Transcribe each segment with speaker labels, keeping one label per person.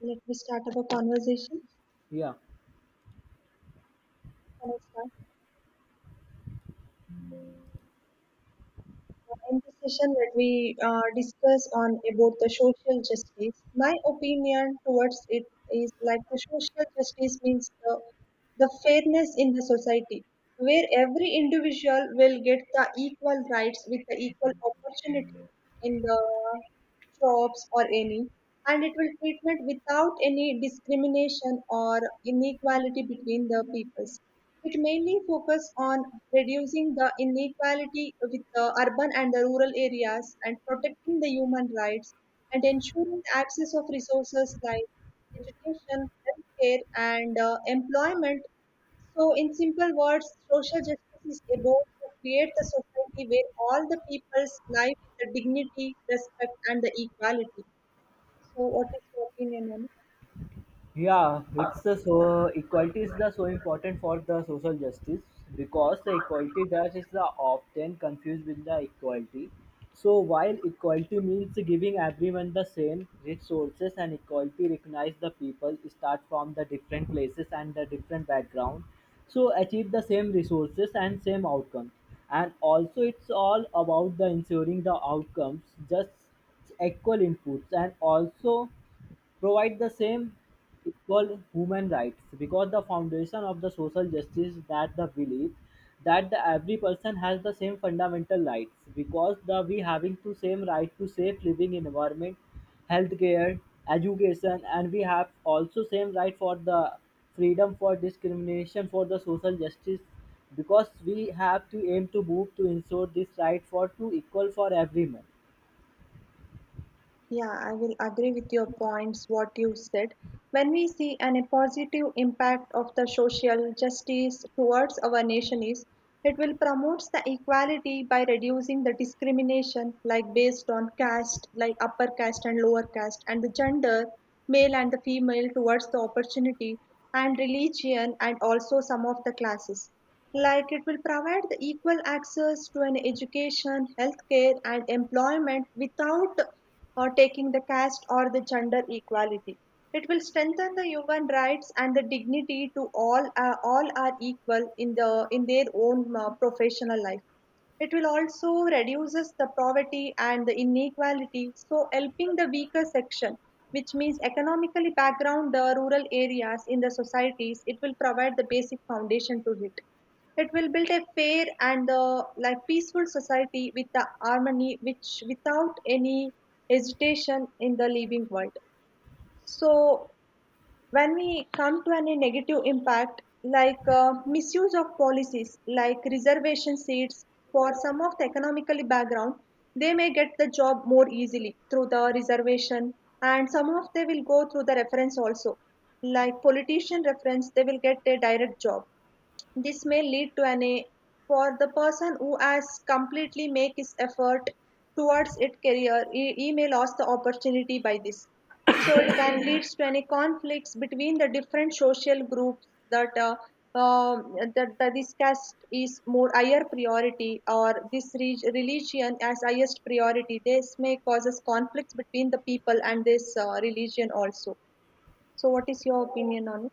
Speaker 1: Let me start our conversation.
Speaker 2: Yeah,
Speaker 1: Can I start? In this session, let me discuss on about the social justice. My opinion towards it is like the social justice means the fairness in the society, where every individual will get the equal rights with the equal opportunities in the jobs or any, and it will treatment without any discrimination or inequality between the people. It mainly focuses on reducing the inequality with the urban and the rural areas and protecting the human rights and ensuring the access of resources like education, healthcare, and employment. So, in simple words, social justice is about to create a society where all the people's life with the dignity, respect, and the equality. So, what is your opinion on it?
Speaker 2: yeah, it's the so equality is the so important for the social justice because the equality that is the often confused with the equality. So while equality means giving everyone the same resources and equality recognize the people start from the different places and the different background, so achieve the same resources and same outcomes. And also it's all about the ensuring the outcomes just equal inputs and also provide the same equal human rights because the foundation of the social justice that the belief that the every person has the same fundamental rights because the we having to same right to safe living environment, healthcare, education, and we have also same right for the freedom for discrimination for the social justice because we have to aim to move to ensure this right for to equal for everyone.
Speaker 1: Yeah, I will agree with your points, what you said. When we see a positive impact of the social justice towards our nation is, it will promote the equality by reducing the discrimination like based on caste, like upper caste and lower caste, and the gender, male and the female towards the opportunity and religion and also some of the classes. Like it will provide the equal access to an education, healthcare and employment without or taking the caste or the gender equality. It will strengthen the human rights and the dignity to all. All are equal in the in their own professional life. It will also reduces the poverty and the inequality, so helping the weaker section, which means economically background the rural areas in the societies. It will provide the basic foundation to it. It will build a fair and like peaceful society with the harmony, which without any hesitation in the living world. So when we come to any negative impact, like misuse of policies, like reservation seats for some of the economically background, they may get the job more easily through the reservation, and some of they will go through the reference also. Like politician reference, they will get a direct job, this may lead to an A for the person who has completely make his effort towards it career. He may lose the opportunity by this. So it can leads to any conflicts between the different social groups that that this caste is more higher priority or this religion as highest priority. This may causes conflicts between the people and this religion also. So what is your opinion on it?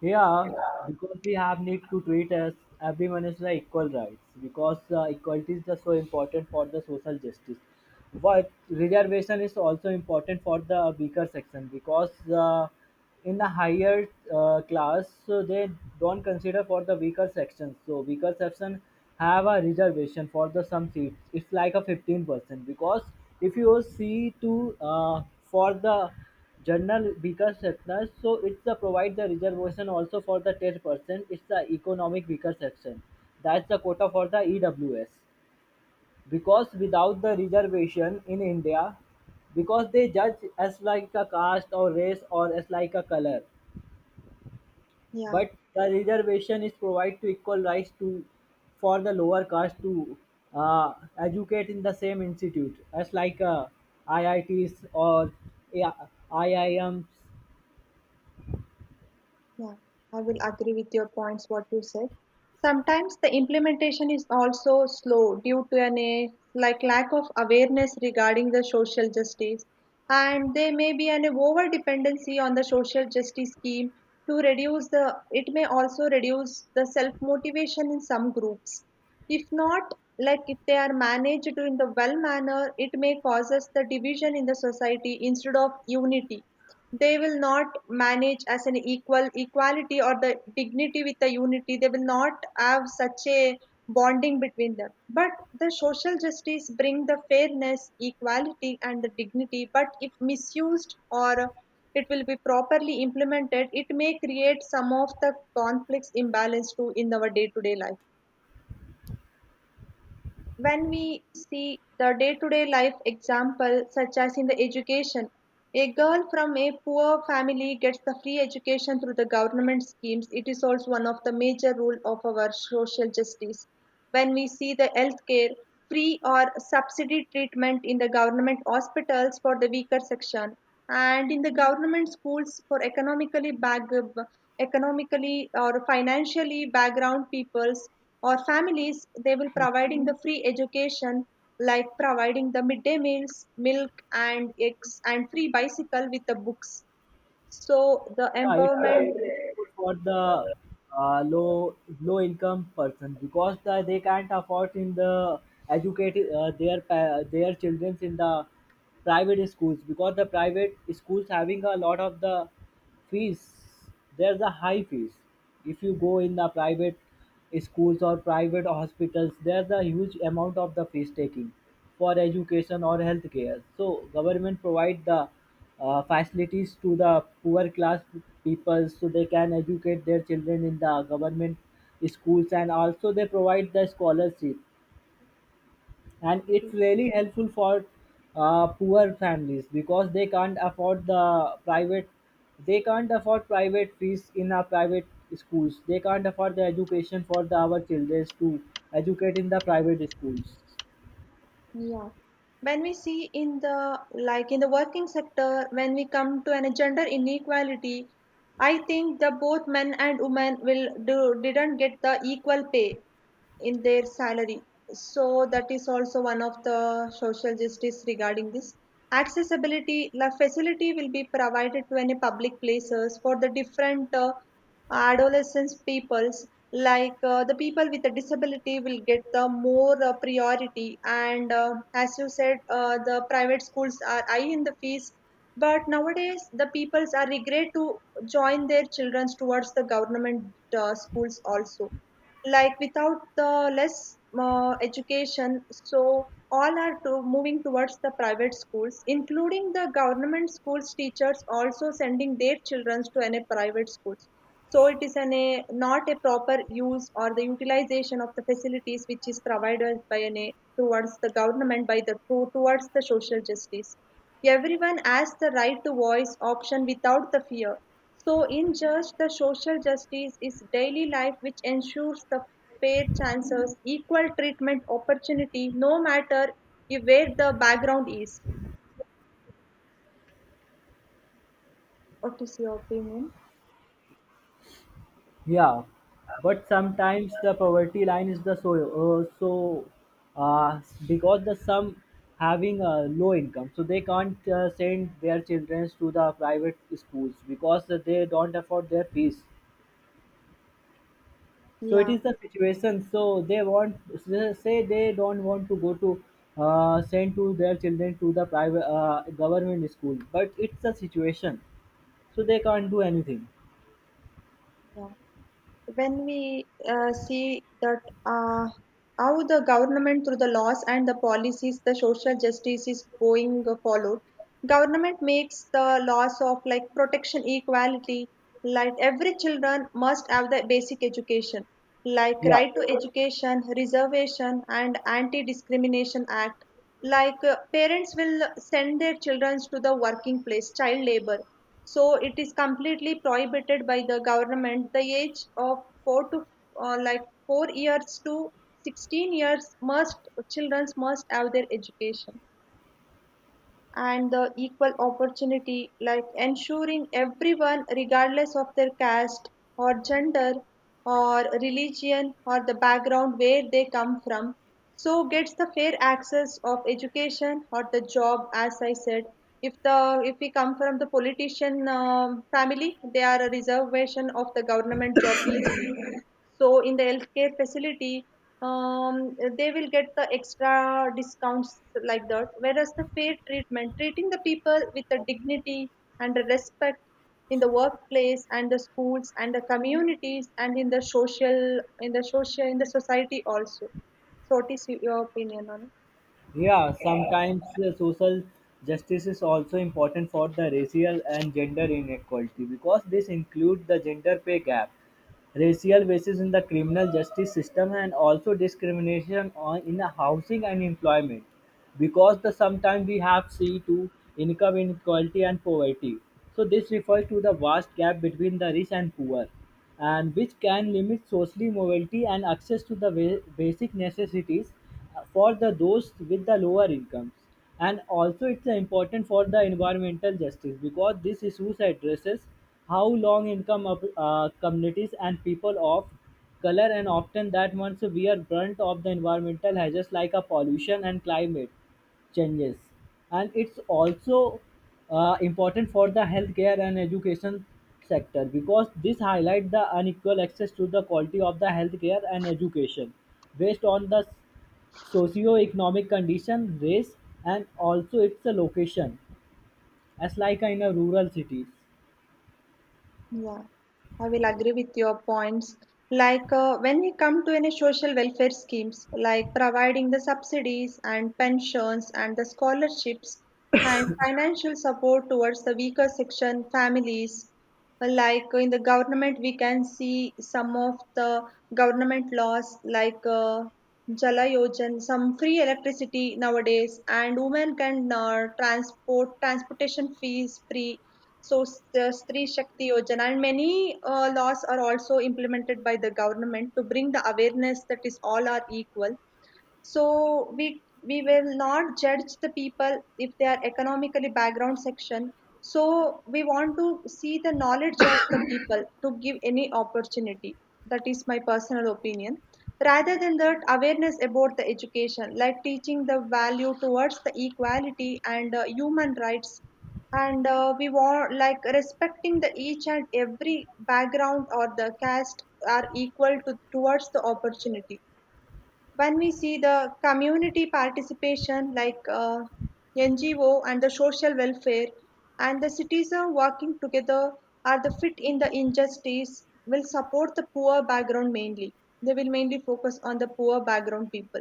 Speaker 2: Yeah, because we have need to treat as everyone is the equal rights because equality is just so important for the social justice. But reservation is also important for the weaker section because in the higher class so they don't consider for the weaker sections. So weaker section have a reservation for the some seats. It's like a 15% because if you see to for the Journal weaker sectors so it's a provide the reservation also for the 10%, it's the economic weaker section, that's the quota for the EWS because without the reservation in India because they judge as like a caste or race or as like a color,
Speaker 1: Yeah.
Speaker 2: but the reservation is provide to equal rights to for the lower caste to uh, educate in the same institute as like IITs or IIMs.
Speaker 1: Yeah, I will agree with your points, what you said. Sometimes the implementation is also slow due to an like lack of awareness regarding the social justice, and there may be an over dependency on the social justice scheme to reduce the. It may also reduce the self motivation in some groups. If not, like if they are managed in the well manner, it may causes the division in the society instead of unity, they will not manage as an equal equality or the dignity with the unity. They will not have such a bonding between them. But the social justice bring the fairness, equality, and the dignity. But if misused or it will be properly implemented, it may create some of the conflicts imbalance too in our day-to-day life. When we see the day to day life example, such as in the education, a girl from a poor family gets the free education through the government schemes. It is also one of the major rule of our social justice. When we see the healthcare, free or subsidy treatment in the government hospitals for the weaker section, and in the government schools for economically or financially background peoples or families, they will providing the free education, like providing the midday meals, milk and eggs and free bicycle with the books, so the
Speaker 2: Yeah, it's really
Speaker 1: empowerment.
Speaker 2: helpful for the low income person because they can't afford in the educate their children in the private schools because the private schools having a lot of the fees. There's a high fees if you go in the private schools or private hospitals, there's a huge amount of the fees taking for education or healthcare. So government provide the facilities to the poor class people so they can educate their children in the government schools, and also they provide the scholarship, and it's really helpful for poor families because they can't afford the private, they can't afford private fees in our private schools, they can't afford the education for our children to educate in the private schools.
Speaker 1: Yeah. When we see in the like in the working sector, when we come to an gender inequality, I think the both men and women will do didn't get the equal pay in their salary. So that is also one of the social justice regarding this. Accessibility, the facility will be provided to any public places for the different adolescents peoples, like the people with a disability will get the more priority, and as you said, the private schools are high in the fees, but nowadays the peoples are regret to join their children towards the government schools also, like without the less education, so all are to moving towards the private schools including the government schools teachers also sending their children to any private schools, so it is an a not a proper use or the utilization of the facilities which is provided by an a towards the government by towards the social justice. Everyone has the right to voice option without the fear. So in just the social justice is daily life which ensures the fair chances, equal treatment, opportunity, no matter if where the background is. What is your opinion?
Speaker 2: Yeah, but sometimes the poverty line is the so uh, because the some having a low income so they can't send their children to the private schools because they don't afford their fees. So it
Speaker 1: Yeah,
Speaker 2: is the situation. So they want say they don't want to go to send to their children to the private government school, but it's the situation. So they can't do anything.
Speaker 1: yeah. When we see that uh, how the government through the laws and the policies the social justice is going followed, government makes the laws of like protection equality, like every children must have the basic education, like
Speaker 2: Yeah,
Speaker 1: right to education reservation and anti discrimination act, like parents will send their children to the working place child labor, so it is completely prohibited by the government. The age of four to like 4 years to 16 years must children must have their education and the equal opportunity, like ensuring everyone, regardless of their caste or gender or religion or the background where they come from, so gets the fair access of education or the job. As I said, if we come from the politician family, they are a reservation of the government job easily. So in the healthcare facility, they will get the extra discounts like that. Whereas the fair treatment, treating the people with the dignity and the respect in the workplace and the schools and the communities and in the social in the social in the society also. So what is your opinion on it?
Speaker 2: yeah. Sometimes social justice is also important for the racial and gender inequality because this includes the gender pay gap, racial basis in the criminal justice system, and also discrimination on in the housing and employment because the sometimes we have see to income inequality and poverty, so this refers to the vast gap between the rich and poor, and which can limit social mobility and access to the basic necessities for the those with the lower incomes. And also it's important for the environmental justice because this issues addresses how long income of, communities and people of color and often that once we are brunt of the environmental hazards like a pollution and climate changes. And it's also important for the healthcare and education sector because this highlight the unequal access to the quality of the healthcare and education based on the socio-economic condition, race, and also its location, as like in a rural cities.
Speaker 1: Yeah, I will agree with your points. Like when we come to any social welfare schemes, like providing the subsidies and pensions and the scholarships and financial support towards the weaker section families, like in the government, we can see some of the government laws like Jala Yojan, some free electricity nowadays, and women can transportation fees free, so the Stri Shakti Yojana and many laws are also implemented by the government to bring the awareness that is all are equal, so we will not judge the people if they are economically background section, so we want to see the knowledge of the people to give any opportunity, that is my personal opinion, rather than that awareness about the education like teaching the value towards the equality and human rights, and we want like respecting the each and every background or the caste are equal to towards the opportunity. When we see the community participation like NGO and the social welfare and the citizen working together are the fit in the injustice will support the poor background mainly. They will mainly focus on the poor background people.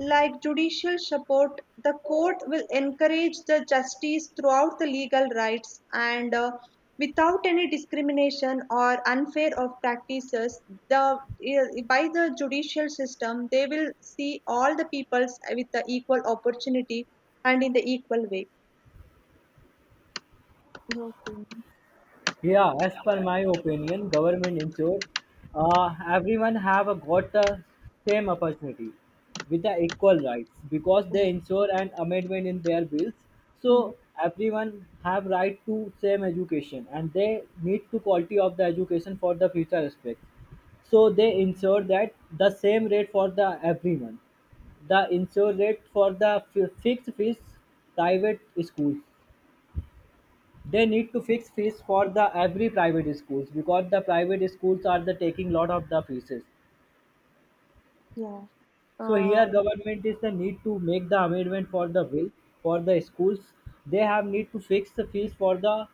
Speaker 1: Like judicial support, the court will encourage the justice throughout the legal rights and without any discrimination or unfair of practices, the by the judicial system they will see all the peoples with the equal opportunity and in the equal way. Okay.
Speaker 2: Yeah, as per my opinion, government ensure everyone have a, got the same opportunity with the equal rights because they
Speaker 1: Yeah.
Speaker 2: ensure an amendment in their bills.
Speaker 1: Mm.
Speaker 2: So everyone have right to same education and they need to quality of the education for the future aspect. So they ensure that the same rate for the everyone. The ensure rate for the fixed fees private schools, they need to fix fees for the every private schools because the private schools are the taking lot of the fees.
Speaker 1: Yeah.
Speaker 2: So
Speaker 1: uh,
Speaker 2: here government is the need to make the amendment for the bill for the schools. They have need to fix the fees for the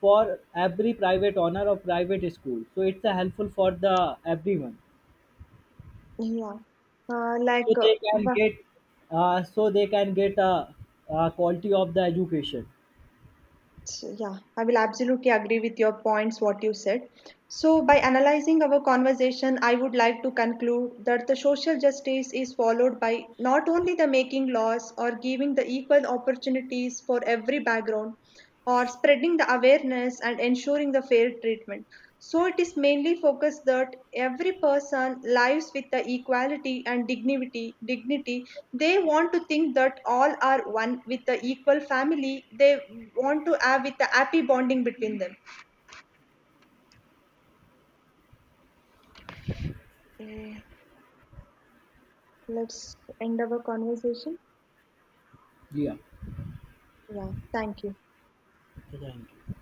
Speaker 2: for every private owner of private school. So it's a helpful for the everyone.
Speaker 1: yeah uh, like
Speaker 2: So
Speaker 1: uh,
Speaker 2: they can get uh, so they can get a, a quality of the education.
Speaker 1: So, yeah, I will absolutely agree with your points, what you said. So, by analyzing our conversation, I would like to conclude that the social justice is followed by not only the making laws or giving the equal opportunities for every background, or spreading the awareness and ensuring the fair treatment. So it is mainly focused that every person lives with the equality and dignity. Dignity. They want to think that all are one with the equal family. They want to have with the happy bonding between them. Eh, Let's end our conversation.
Speaker 2: Yeah.
Speaker 1: Yeah, thank you.
Speaker 2: Thank you.